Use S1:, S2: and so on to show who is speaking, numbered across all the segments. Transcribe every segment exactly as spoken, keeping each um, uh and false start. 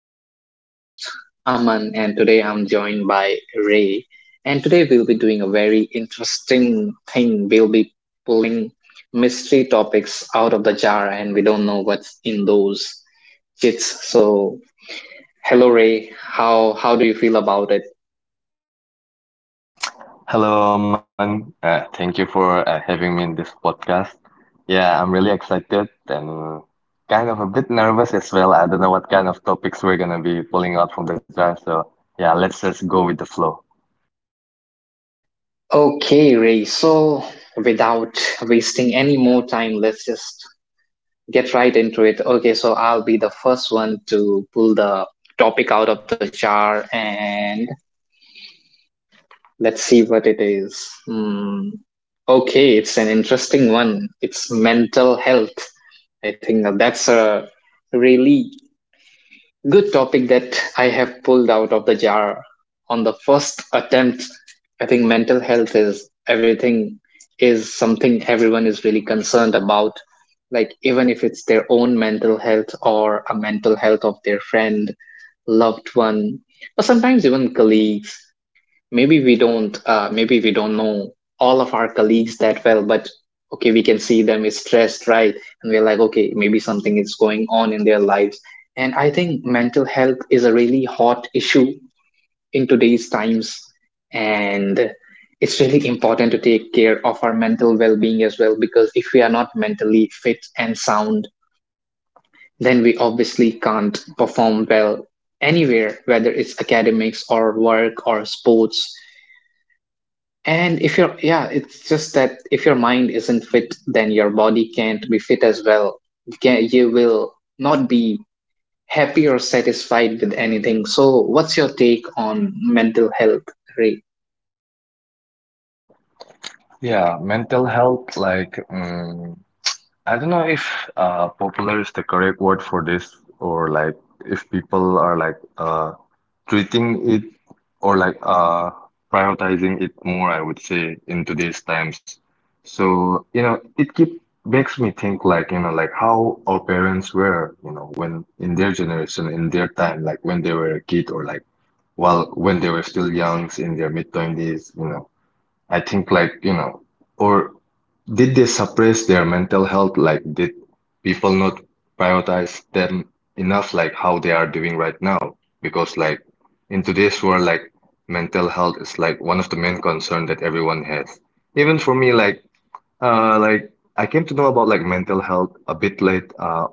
S1: I'm your host, Aman, and today I'm joined by Ray. And today we'll be doing a very interesting thing. We'll be pulling mystery topics out of the jar, and we don't know what's in those kits. So, hello, Ray. How how do you feel about it?
S2: Hello, Aman. Uh, thank you for uh, having me in this podcast. Yeah, I'm really excited and kind of a bit nervous as well. I don't know what kind of topics we're gonna be pulling out from the draft. So yeah, let's just go with the flow.
S1: Okay, Ray. So, without wasting any more time, let's just get right into it. Okay, so I'll be the first one to pull the topic out of the jar and let's see what it is. Hmm. Okay, it's an interesting one. It's mental health. I think that that's a really good topic that I have pulled out of the jar on the first attempt. I think mental health is everything, is something everyone is really concerned about. Like, even if it's their own mental health or a mental health of their friend, loved one, or sometimes even colleagues, maybe we don't uh, maybe we don't know all of our colleagues that well, but okay, we can see them is stressed, right? And we're like, okay, maybe something is going on in their lives. And I think mental health is a really hot issue in today's times. And it's really important to take care of our mental well-being as well, because if we are not mentally fit and sound, then we obviously can't perform well anywhere, whether it's academics or work or sports. And if your yeah, It's just that if your mind isn't fit, then your body can't be fit as well. You can you will not be happy or satisfied with anything. So, what's your take on mental health, Ray?
S2: Yeah, mental health, like, um, I don't know if uh, popular is the correct word for this, or like if people are like uh, treating it or like uh prioritizing it more, I would say, in today's times. So, you know, it keep makes me think like, you know, like how our parents were, you know, when in their generation, in their time, like when they were a kid or like while when they were still youngs in their mid twenties, you know. I think like, you know, or did they suppress their mental health? Like, did people not prioritize them enough, like how they are doing right now? Because like in today's world, like mental health is like one of the main concern that everyone has. Even for me, like uh, like I came to know about like mental health a bit late, uh,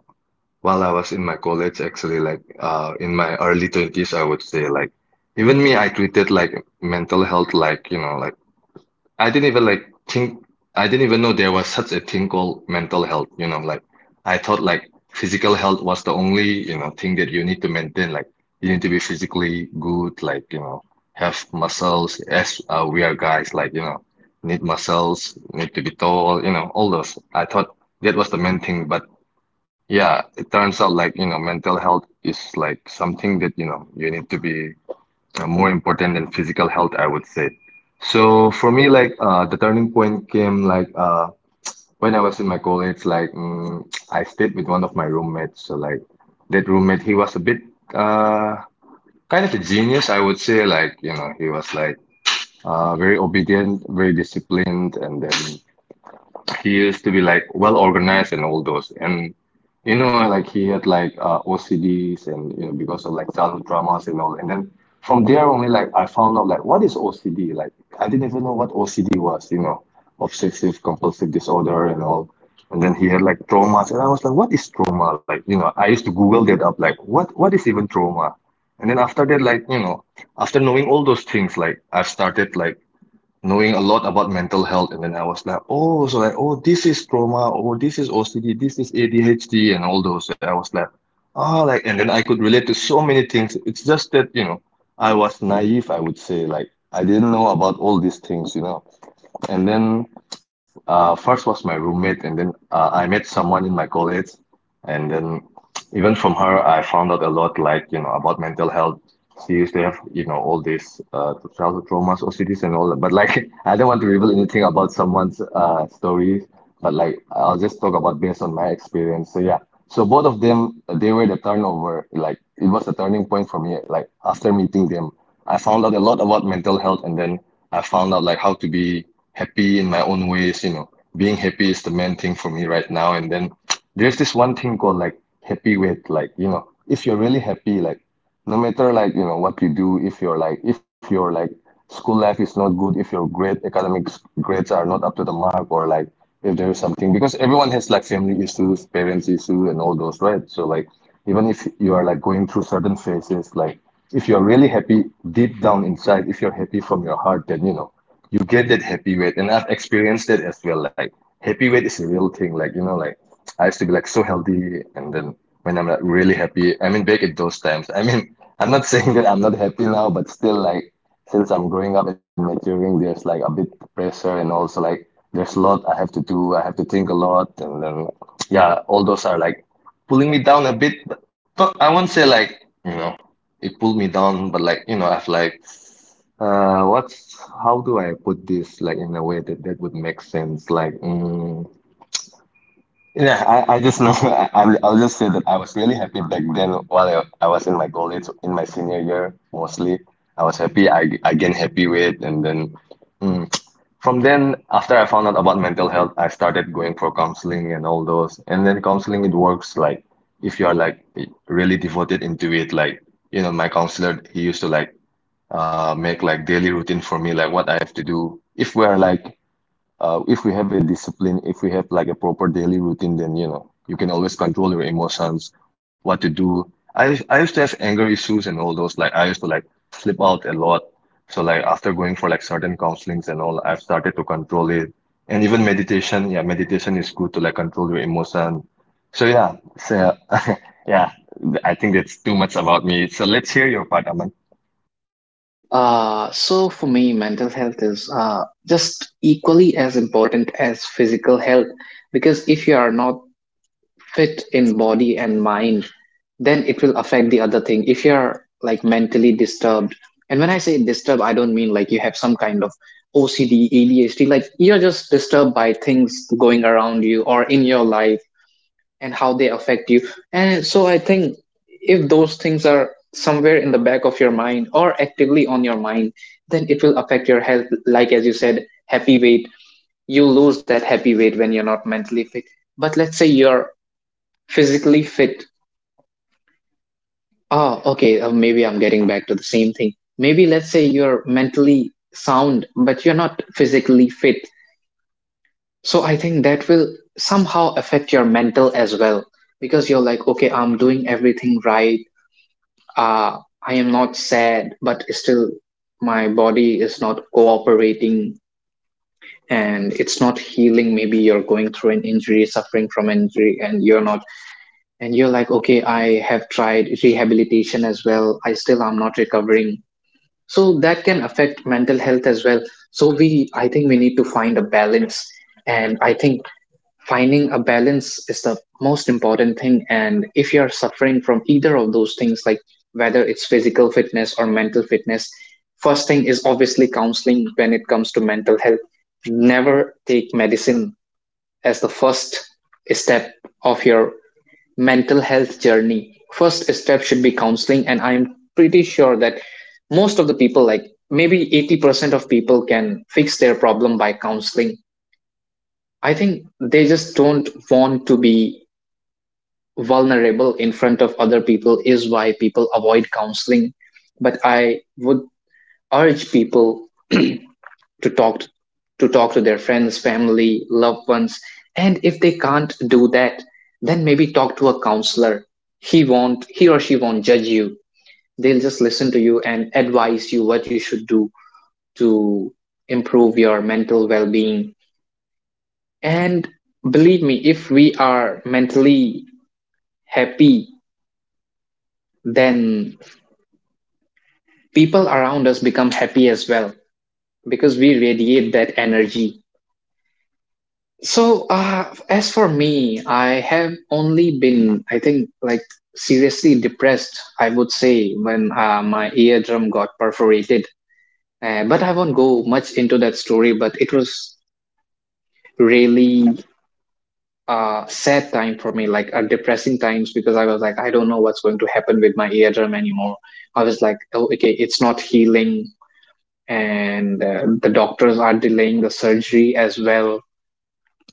S2: while I was in my college, actually, like uh, in my early twenties, I would say, like even me, I treated like mental health like, you know, like I didn't even like think I didn't even know there was such a thing called mental health, you know, like I thought like physical health was the only, you know, thing that you need to maintain. Like you need to be physically good, like, you know, have muscles as uh, we are guys, like, you know, need muscles, need to be tall, you know, all those. I thought that was the main thing, but yeah, it turns out like, you know, mental health is like something that, you know, you need to be uh, more important than physical health, I would say. So for me, like uh, the turning point came like uh, when I was in my college. Like mm, I stayed with one of my roommates. So like that roommate, he was a bit uh, kind of a genius, I would say. Like you know, he was like uh, very obedient, very disciplined, and then he used to be like well organized and all those. And you know, like he had like uh, O C Ds and you know because of like childhood traumas and all. And then from there only like I found out like what is O C D? Like I didn't even know what O C D was, you know, obsessive compulsive disorder and all. And then he had like traumas, and I was like, what is trauma? Like you know, I used to Google that up like what what is even trauma? And then after that, like you know, after knowing all those things, like I've started like knowing a lot about mental health and then I was like oh so like oh this is trauma, oh this is O C D, this is A D H D and all those, so I was like ah like, and then I could relate to so many things. It's just that you know I was naive, I would say, like I didn't know about all these things, you know. And then uh, first was my roommate, and then uh, I met someone in my college, and then even from her, I found out a lot, like you know, about mental health. She used to you know all these uh, childhood traumas, O C Ds, and all that. But like, I don't want to reveal anything about someone's uh, story, but like I'll just talk about based on my experience. So yeah, so both of them, they were the turnover. Like it was a turning point for me. Like after meeting them, I found out a lot about mental health, and then I found out like how to be happy in my own ways. You know, being happy is the main thing for me right now. And then there's this one thing called like happy weight. Like you know, if you're really happy, like no matter like you know what you do, if you're like if your like school life is not good, if your grade academics grades are not up to the mark, or like if there is something, because everyone has like family issues, parents issue, and all those, right? So like even if you are like going through certain phases, like if you're really happy deep down inside, if you're happy from your heart, then you know you get that happy weight, and I've experienced that as well. Like happy weight is a real thing. Like you know, like I used to be like so healthy, and then when I'm like really happy, I mean back at those times. I mean I'm not saying that I'm not happy now, but still like since I'm growing up and maturing, there's like a bit pressure and also like there's a lot I have to do. I have to think a lot, and then yeah, all those are like pulling me down a bit. But not, I won't say like you know it pulled me down, but like you know I've like uh what's how do I put this like in a way that that would make sense? Like mm, yeah, I, I just know I, I'll I'll just say that I was really happy back then while I, I was in my college in my senior year mostly. I was happy. I I gained happy weight, and then. mm, from then, after I found out about mental health, I started going for counseling and all those. And then counseling, it works like if you are like really devoted into it, like, you know, my counselor, he used to like uh, make like daily routine for me, like what I have to do. If we're like uh, if we have a discipline, if we have like a proper daily routine, then you know you can always control your emotions, what to do. I I used to have anger issues and all those. Like I used to like flip out a lot. So like after going for like certain counselings and all, I've started to control it. And even meditation, yeah, meditation is good to like control your emotion. So yeah, so yeah, I think that's too much about me. So let's hear your part, Aman.
S1: Uh, so for me, mental health is uh, just equally as important as physical health, because if you are not fit in body and mind, then it will affect the other thing. If you're like mentally disturbed, and when I say disturbed, I don't mean like you have some kind of O C D, A D H D, like you're just disturbed by things going around you or in your life and how they affect you. And so I think if those things are somewhere in the back of your mind or actively on your mind, then it will affect your health. Like as you said, happy weight, you lose that happy weight when you're not mentally fit. But let's say you're physically fit. Oh, okay, uh, maybe I'm getting back to the same thing. Maybe let's say you're mentally sound but you're not physically fit, so I think that will somehow affect your mental as well, because you're like, okay, I'm doing everything right, uh I am not sad, but still my body is not cooperating, and it's not healing. Maybe you're going through an injury, suffering from an injury, and you're not, and you're like, okay, I have tried rehabilitation as well, I still am not recovering, so that can affect mental health as well. So we i think we need to find a balance. And I think finding a balance is the most important thing, and if you are suffering from either of those things, like whether it's physical fitness or mental fitness, first thing is obviously counseling when it comes to mental health. Never take medicine as the first step of your mental health journey. First step should be counseling, and I'm pretty sure that most of the people, like maybe eighty percent of people, can fix their problem by counseling. I think they just don't want to be vulnerable in front of other people is why people avoid counseling. But I would urge people to talk to talk to their friends, family, loved ones. And if they can't do that, then maybe talk to a counselor. He won't he or she won't judge you. They'll just listen to you and advise you what you should do to improve your mental well being. And believe me, if we are mentally happy, then people around us become happy as well because we radiate that energy. So, uh, as for me, I have only been, I think, like seriously depressed, I would say, when uh, my eardrum got perforated. Uh, but I won't go much into that story, but it was really uh, sad time for me, like a depressing times, because I was like, I don't know what's going to happen with my eardrum anymore. I was like, oh, okay, it's not healing, and uh, the doctors are delaying the surgery as well.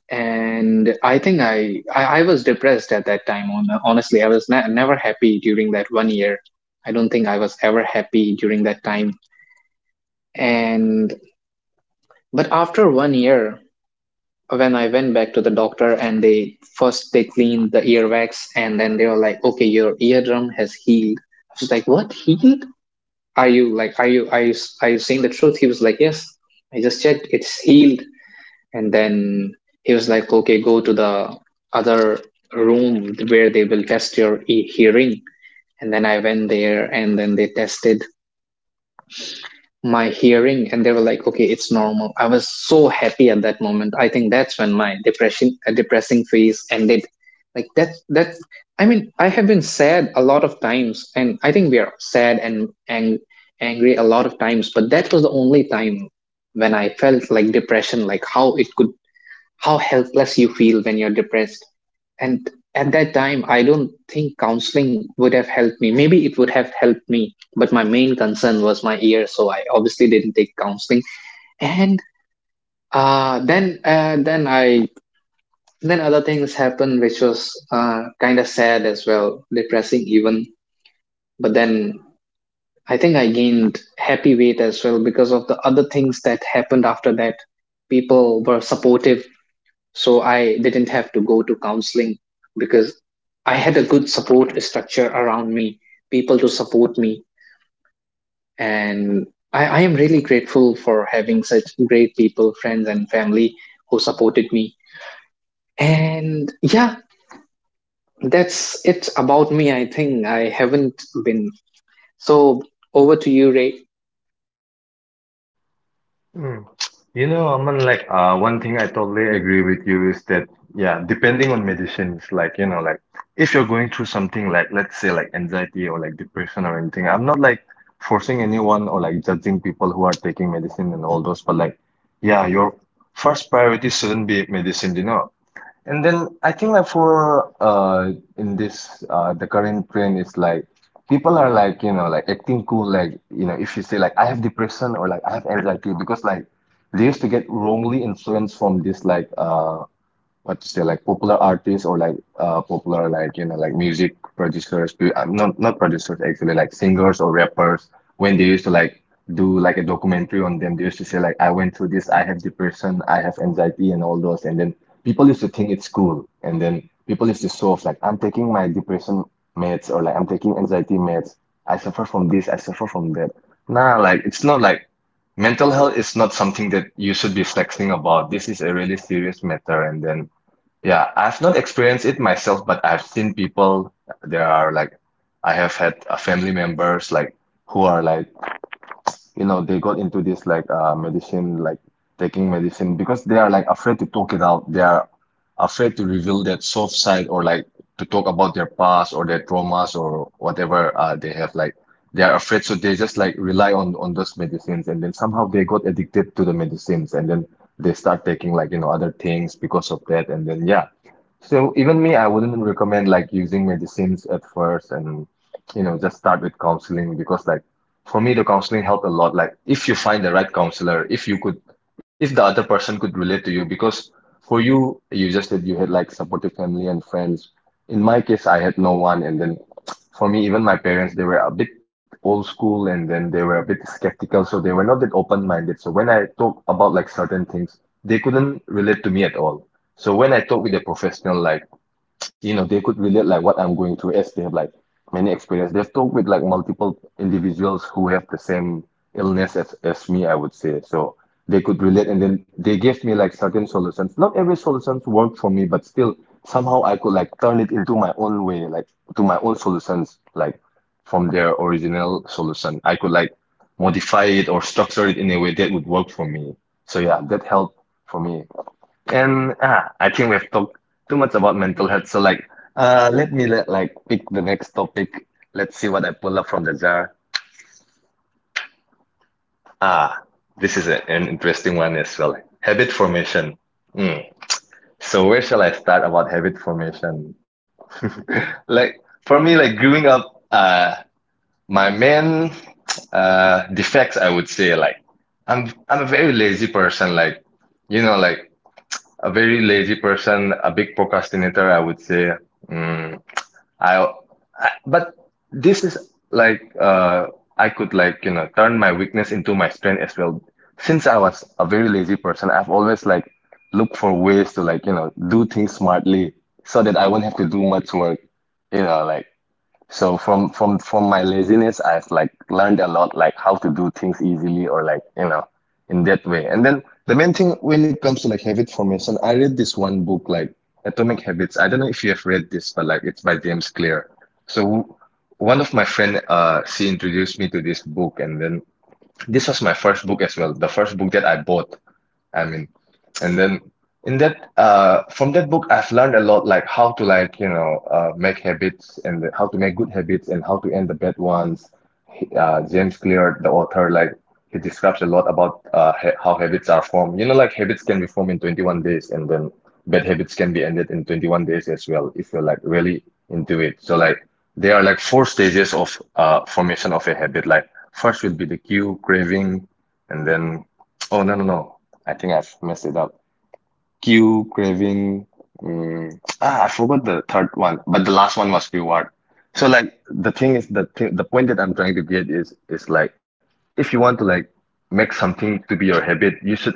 S1: And I think I, I, I was depressed at that time. On honestly, I was ne- never happy during that one year. I don't think I was ever happy during that time. And but after one year, when I went back to the doctor and they first they cleaned the earwax and then they were like, okay, your eardrum has healed. I was like, what healed? Are you like are you are you are you saying the truth? He was like, yes. I just checked, it's healed. And then he was like, okay, go to the other room where they will test your e- hearing. And then I went there and then they tested my hearing and they were like, okay, it's normal. I was so happy at that moment. I think that's when my depression uh, depressing phase ended. Like, that that, I mean, I have been sad a lot of times, and I think we are sad and, and angry a lot of times, but that was the only time when I felt like depression, like how it could how helpless you feel when you're depressed. And at that time, I don't think counseling would have helped me. Maybe it would have helped me, but my main concern was my ear, so I obviously didn't take counseling. And uh, then, uh, then I, then other things happened, which was uh, kind of sad as well, depressing even. But then I think I gained happy weight as well because of the other things that happened after that. People were supportive. So I didn't have to go to counseling because I had a good support structure around me, people to support me. And I, I am really grateful for having such great people, friends, and family who supported me. And yeah, that's it about me. I think I haven't been. So over to you, Ray.
S2: Mm. You know, Aman, like uh, one thing I totally agree with you is that yeah, depending on medicines, like you know, like if you're going through something like let's say like anxiety or like depression or anything, I'm not like forcing anyone or like judging people who are taking medicine and all those, but like yeah, your first priority shouldn't be medicine, you know. And then I think like for uh in this uh the current trend is like people are like you know like acting cool, like you know if you say like I have depression or like I have anxiety, because like they used to get wrongly influenced from this like uh what to say, like popular artists or like uh popular like you know like music producers, pu- uh, not not producers actually, like singers or rappers, when they used to like do like a documentary on them, they used to say like I went through this, I have depression, I have anxiety and all those, and then people used to think it's cool, and then people used to show off like I'm taking my depression meds or like I'm taking anxiety meds, I suffer from this, I suffer from that. Nah, like it's not like mental health is not something that you should be flexing about. This is a really serious matter, and then yeah, I've not experienced it myself, but I've seen people. There are like, I have had uh, family members like who are like, you know, they got into this like uh medicine, like taking medicine because they are like afraid to talk it out. They are afraid to reveal that soft side, or like to talk about their past or their traumas or whatever uh they have like. They are afraid, so they just like rely on on those medicines, and then somehow they got addicted to the medicines, and then they start taking like you know other things because of that, and then yeah. So even me, I wouldn't recommend like using medicines at first, and you know just start with counseling, because like for me the counseling helped a lot. Like if you find the right counselor, if you could if the other person could relate to you, because for you you just said you had like supportive family and friends. In my case, I had no one, and then for me even my parents, they were a bit old school, and then they were a bit skeptical, so they were not that open-minded. So when I talk about like certain things, they couldn't relate to me at all. So when I talk with a professional, you know, they could relate like what I'm going through as they have like many experience. They've talked with like multiple individuals who have the same illness as, as me, I would say. So they could relate, and then they gave me like certain solutions. Not every solutions worked for me, but still somehow I could like turn it into my own way, like to my own solutions, like from their original solution. I could like modify it or structure it in a way that would work for me. So yeah, that helped for me. And ah, I think we've talked too much about mental health. So like, uh, let me let, like pick the next topic. Let's see what I pull up from the jar. Ah, this is a- an interesting one as well. Habit formation. Hmm. So where shall I start about habit formation? Like for me, like growing up, uh, my main uh defects, I would say, like I'm I'm a very lazy person. Like you know, like a very lazy person, a big procrastinator, I would say. Mm. I, I but this is like uh I could like you know turn my weakness into my strength as well. Since I was a very lazy person, I've always like looked for ways to like you know do things smartly so that I won't have to do much work. You know, like so from from from my laziness, I've like learned a lot, like how to do things easily or like, you know, in that way. And then the main thing when it comes to like habit formation, I read this one book like Atomic Habits. I don't know if you have read this, but like it's by James Clear. So one of my friend, uh, she introduced me to this book, and then this was my first book as well, the first book that I bought. I mean, and then in that uh from that book, I've learned a lot like how to like you know uh make habits and how to make good habits and how to end the bad ones. uh, James Clear, the author, like he describes a lot about uh, ha how habits are formed. You know, like habits can be formed in twenty-one days, and then bad habits can be ended in twenty-one days as well if you're like really into it. So like there are like four stages of uh, formation of a habit. Like first would be the cue, craving, and then oh no no no, I think I've messed it up. Q, craving. Mm, ah, I forgot the third one, but the last one was reward. So like the thing is the thing, the point that I'm trying to get is is like if you want to like make something to be your habit, you should like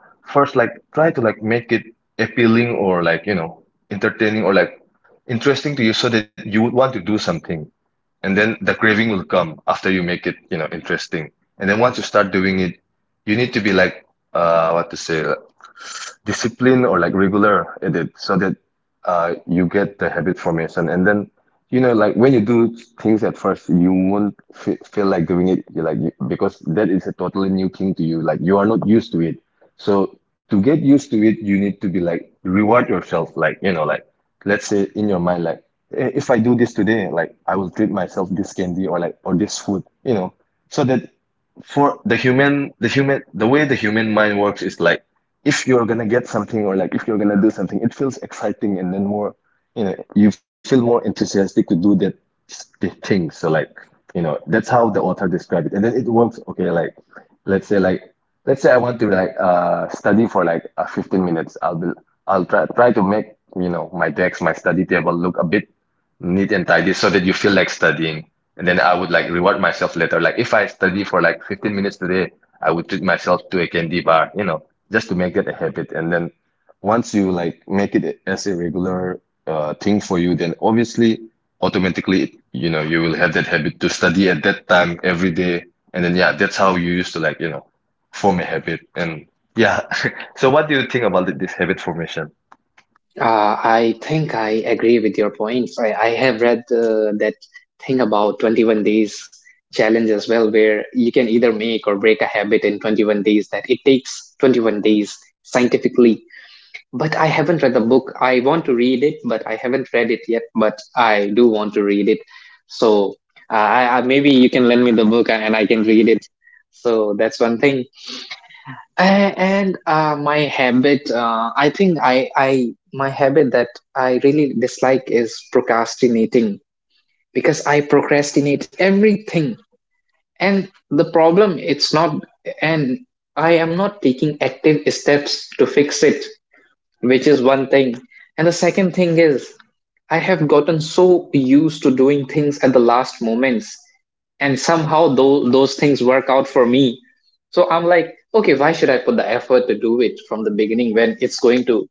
S2: first like try to like make it appealing or like you know entertaining or like interesting to you so that you would want to do something. And then the craving will come after you make it, you know, interesting. And then once you start doing it, you need to be like uh what to say discipline or like regular at it so that uh, you get the habit formation. And then, you know, like when you do things at first, you won't f feel like doing it. You're like, you, because that is a totally new thing to you. Like you are not used to it. So to get used to it, you need to be like reward yourself. Like, you know, like let's say in your mind, like, "Eh, if I do this today, like I will treat myself this candy or like or this food, you know, so that for the human the human the way the human mind works is like if you're gonna get something or like if you're gonna do something, it feels exciting, and then more, you know, you feel more enthusiastic to do that the thing. So like you know that's how the author described it, and then it works. Okay, like let's say like let's say I want to like uh study for like uh, fifteen minutes. I'll be I'll try try to make you know my decks my study table look a bit neat and tidy so that you feel like studying. And then I would like reward myself later. Like if I study for like fifteen minutes today, I would treat myself to a candy bar, you know, just to make it a habit. And then once you like make it as a regular uh, thing for you, then obviously automatically, you know, you will have that habit to study at that time every day. And then yeah, that's how you used to like, you know, form a habit. And yeah. So what do you think about th- this habit formation?
S1: Uh, I think I agree with your points. I, I have read uh, that thing about twenty-one days challenge as well, where you can either make or break a habit in twenty-one days, that it takes twenty-one days scientifically. But I haven't read the book. I want to read it, but I haven't read it yet. But I do want to read it. So uh, I, I, maybe you can lend me the book and, and I can read it. So that's one thing. A- And uh, my habit, uh, I think I, I, my habit that I really dislike is procrastinating because I procrastinate everything. And the problem, it's not, and I am not taking active steps to fix it, which is one thing. And the second thing is, I have gotten so used to doing things at the last moments, and somehow those those things work out for me. So I'm like, okay, why should I put the effort to do it from the beginning when it's going to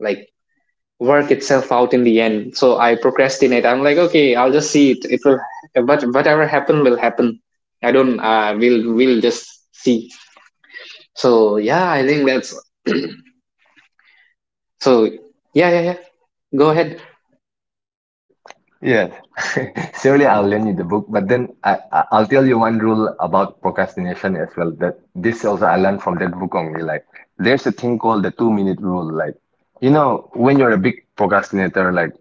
S1: like work itself out in the end? So I procrastinate. I'm like, okay, I'll just see it. It will, but whatever happen will happen. I don't. Uh, we'll we'll just see. So yeah, I think that's so. Yeah, yeah, yeah. Go ahead.
S2: Yes, surely I'll lend you the book, but then I, I- I'll tell you one rule about procrastination as well. That this also I learned from that book only. Like, there's a thing called the two minute rule. Like, you know, when you're a big procrastinator, like,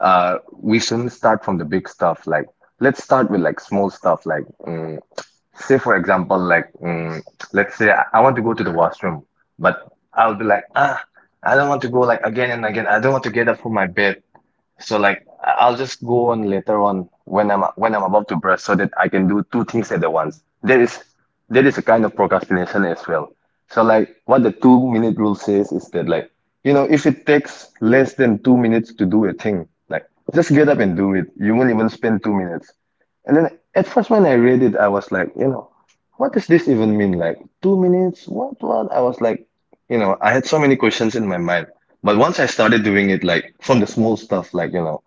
S2: uh, we shouldn't start from the big stuff. Like, let's start with like small stuff. Like, mm, say for example, like, mm, let's say I, I want to go to the washroom, but I'll be like, ah, I don't want to go like again and again. I don't want to get up from my bed. So like I- will just go on later on when I'm when I'm about to brush so that I can do two things at the once. There is there is a kind of procrastination as well. So like what the two minute rule says is that like you know if it takes less than two minutes to do a thing, like just get up and do it. You won't even spend two minutes. And then at first when I read it, I was like, you know, what does this even mean? Like two minutes? What what? I was like, you know, I had so many questions in my mind. But once I started doing it, like from the small stuff, like, you know,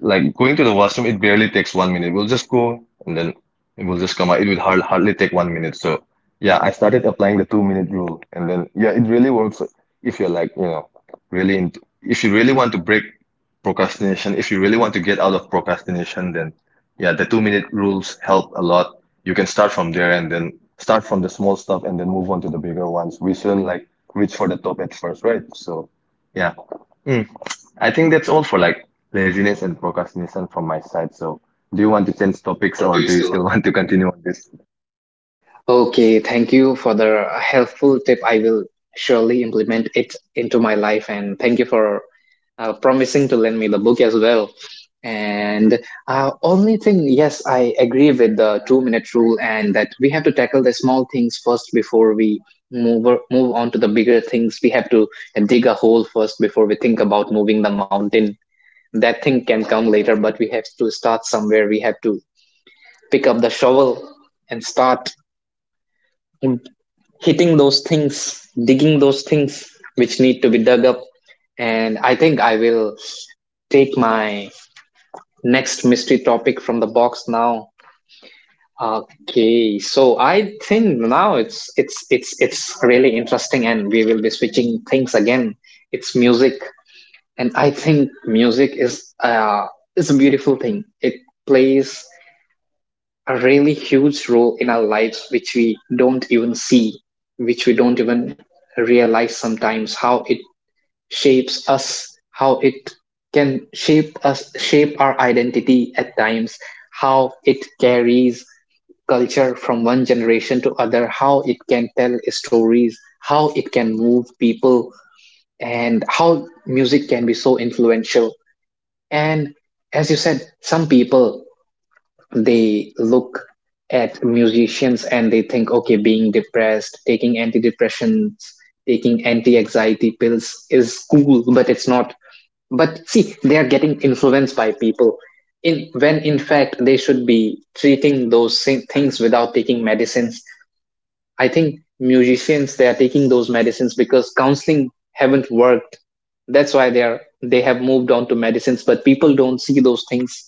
S2: like going to the washroom, it barely takes one minute. We'll just go, and then it will just come out. It will hard, hardly take one minute. So yeah, I started applying the two minute rule, and then yeah, it really works if you're like, you know, really into, if you really want to break procrastination, if you really want to get out of procrastination, then yeah, the two minute rules help a lot. You can start from there and then start from the small stuff and then move on to the bigger ones. We shouldn't like reach for the top at first, right? So yeah. I think that's all for like laziness and procrastination from my side. So, do you want to change topics or do you still want to continue on this?
S1: Okay, thank you for the helpful tip. I will surely implement it into my life, and thank you for uh, promising to lend me the book as well. And uh, only thing, yes, I agree with the two minute rule, and that we have to tackle the small things first before we move o- move on to the bigger things. We have to dig a hole first before we think about moving the mountain. That thing can come later, but we have to start somewhere. We have to pick up the shovel and start hitting those things, digging those things which need to be dug up. And I think I will take my next mystery topic from the box now. Okay, so I think now it's it's it's it's really interesting, and we will be switching things again. It's music, and I think music is uh is a beautiful thing. It plays a really huge role in our lives, which we don't even see, which we don't even realize sometimes, how it shapes us, how it can shape us, shape our identity at times, how it carries culture from one generation to other, how it can tell stories, how it can move people, and how music can be so influential. And as you said, some people, they look at musicians and they think, okay, being depressed, taking antidepressants, taking anti anxiety pills is cool, but it's not. But see, they are getting influenced by people. In, when in fact they should be treating those same things without taking medicines. I think musicians, they are taking those medicines because counseling haven't worked. That's why they are they have moved on to medicines. But people don't see those things,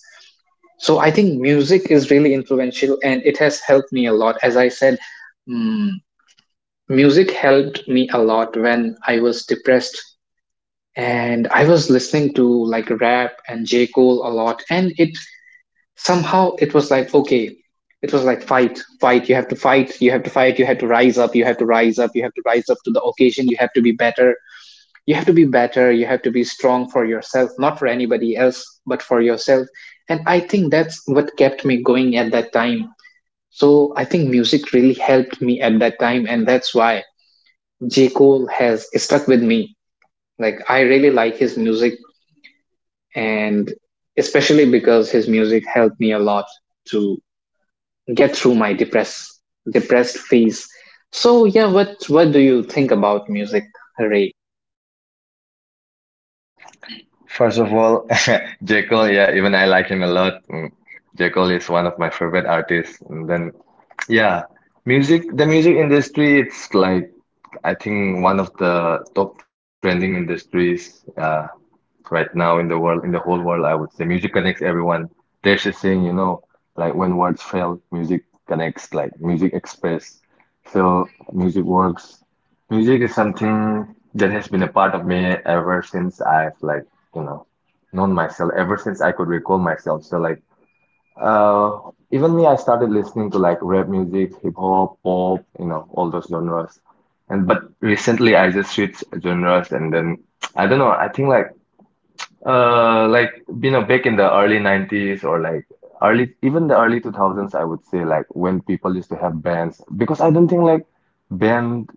S1: so I think music is really influential and it has helped me a lot. As I said, mm, music helped me a lot when I was depressed and I was listening to like rap and J. Cole a lot. And it somehow it was like, okay, it was like fight, fight, you have to fight, you have to fight, you have to rise up, you have to rise up, you have to rise up to the occasion, you have to be better, you have to be better, you have to be strong for yourself, not for anybody else but for yourself. And I think that's what kept me going at that time. So I think music really helped me at that time, and that's why J. Cole has stuck with me. Like, I really like his music, and especially because his music helped me a lot to get through my depressed depressed phase. So yeah, what what do you think about music, Ray?
S2: First of all, J. Cole, yeah, even I like him a lot. Mm, J. Cole is one of my favorite artists. And then, yeah, music, the music industry, it's like, I think one of the top trending industries. Uh, right now in the world, in the whole world, I would say music connects everyone. There's a saying, you know, like when words fail, music connects, like music express. So music works. Music is something that has been a part of me ever since I've like, you know, known myself, ever since I could recall myself. So like, uh, even me, I started listening to like rap music, hip hop, pop, you know, all those genres. And but recently I just switched genres, and then I don't know, I think like uh, like you know, back in the early nineties or like early even the early two thousands, I would say like when people used to have bands because I don't think like band,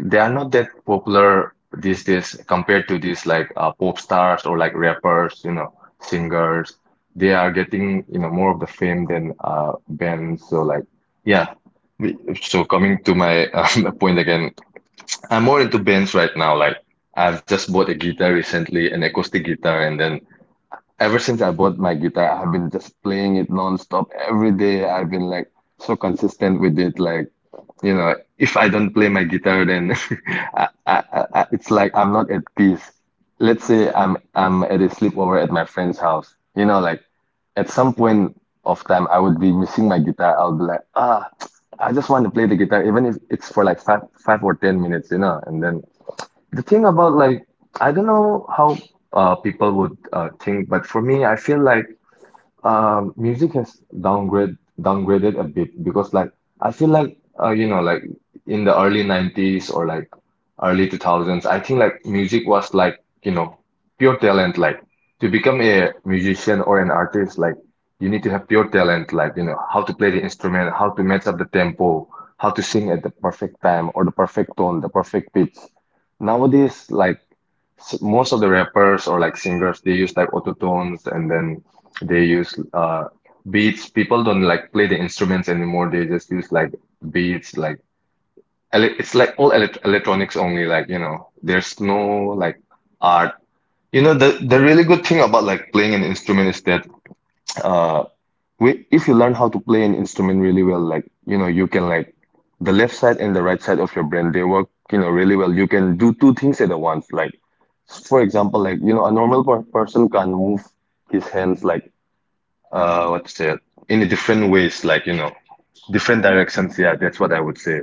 S2: they are not that popular these days compared to these like uh, pop stars or like rappers, you know, singers. They are getting you know more of the fame than uh bands. So like yeah. We- So coming to my um, point again, I'm more into bands right now. Like I've just bought a guitar recently, an acoustic guitar, and then ever since I bought my guitar, I've been just playing it non-stop every day. I've been like so consistent with it. Like, you know, if I don't play my guitar, then I, I, I, I- it's like I'm not at peace. Let's say I'm I'm at a sleepover at my friend's house. You know, like at some point of time, I would be missing my guitar. I'll be like, ah, I just want to play the guitar, even if it's for like five five or ten minutes, you know. And then the thing about like I don't know how uh people would uh think. But for me, I feel like um, music has downgrade downgraded a bit, because like I feel like uh, you know, like in the early nineties or like early two thousands, I think like music was, like, you know, pure talent. Like to become a musician or an artist, like you need to have pure talent, like you know, how to play the instrument, how to match up the tempo, how to sing at the perfect time or the perfect tone, the perfect pitch. Nowadays, like, s- most of the rappers or like singers, they use like autotunes. And then they use uh beats. People don't like play the instruments anymore, they just use like beats. Like, ele- it's like all elec electronics only, like, you know, there's no, like, art. You know, the the really good thing about like playing an instrument is that, uh we, if you learn how to play an instrument really well, like you know, you can like, the left side and the right side of your brain, they work, you know, really well. You can do two things at a once, like, for example, like you know, a normal per person can move his hands like, uh, what to say it, in a different ways, like you know, different directions. Yeah, that's what I would say.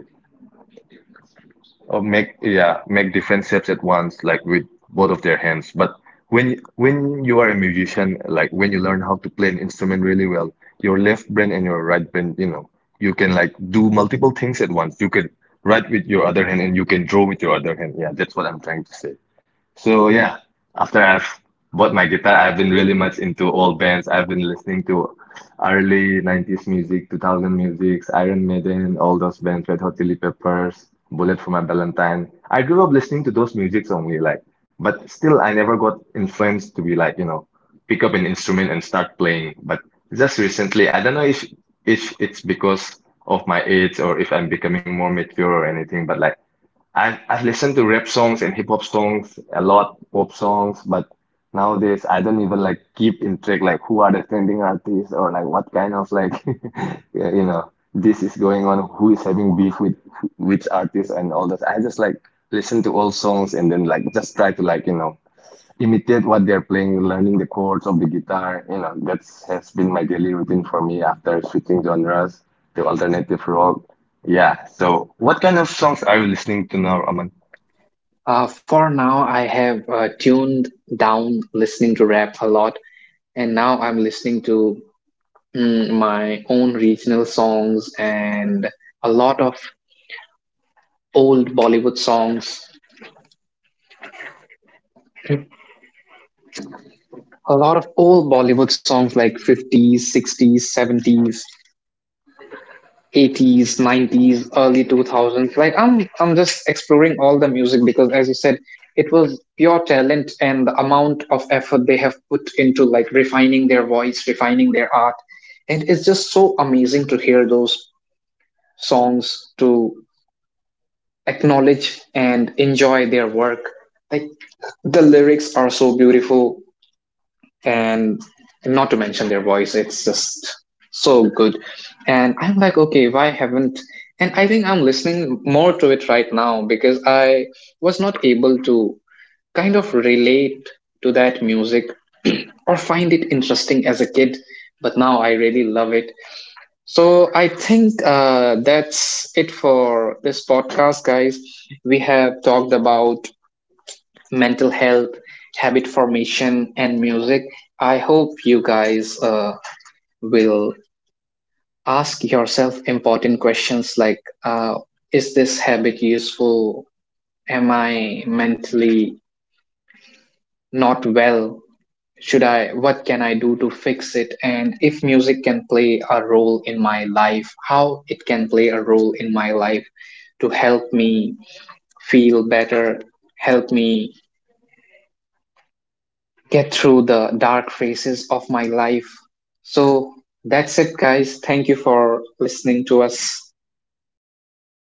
S2: Or make, yeah, make different steps at once, like with both of their hands. But when when you are a musician, like when you learn how to play an instrument really well, your left brain and your right brain, you know, you can like do multiple things at once. You can write with your other hand and you can draw with your other hand. Yeah, that's what I'm trying to say. So yeah, after I've bought my guitar, I've been really much into old bands. I've been listening to early nineties music, two thousand music, Iron Maiden, all those bands, Red Hot Chili Peppers, Bullet for My Valentine. I grew up listening to those musics only, like, but still I never got influenced to be like, you know, pick up an instrument and start playing. But just recently, I don't know if if it's because of my age or if I'm becoming more mature or anything, but like I I've listened to rap songs and hip hop songs a lot, pop songs. But nowadays, I don't even like keep in track like who are the trending artists or like what kind of like yeah, you know, this is going on, who is having beef with wh- which artist and all that. I just like listen to all songs and then like just try to like, you know, imitate what they're playing, learning the chords of the guitar. You know, that's has been my daily routine for me after switching genres to alternative rock. Yeah. So what kind of songs are you listening to now, Aman?
S1: Uh, for now, I have uh, tuned down listening to rap a lot, and now I'm listening to mm, my own regional songs and a lot of old Bollywood songs. A lot of old Bollywood songs like fifties, sixties, seventies, eighties, nineties, early two thousands. Like, i'm i'm just exploring all the music because as you said it was pure talent and the amount of effort they have put into like refining their voice, refining their art. And it's just so amazing to hear those songs, to acknowledge and enjoy their work. Like, the lyrics are so beautiful, and not to mention their voice, it's just so good. And I'm like, okay, why haven't, and I think I'm listening more to it right now because I was not able to kind of relate to that music or find it interesting as a kid, but now I really love it. So I think uh, that's it for this podcast, guys. We have talked about mental health, habit formation, and music. I hope you guys uh, will ask yourself important questions like, uh, Is this habit useful? Am I mentally not well? Should I, what can I do to fix it? And if music can play a role in my life, how it can play a role in my life to help me feel better, help me get through the dark phases of my life. So that's it, guys. Thank you for listening to us.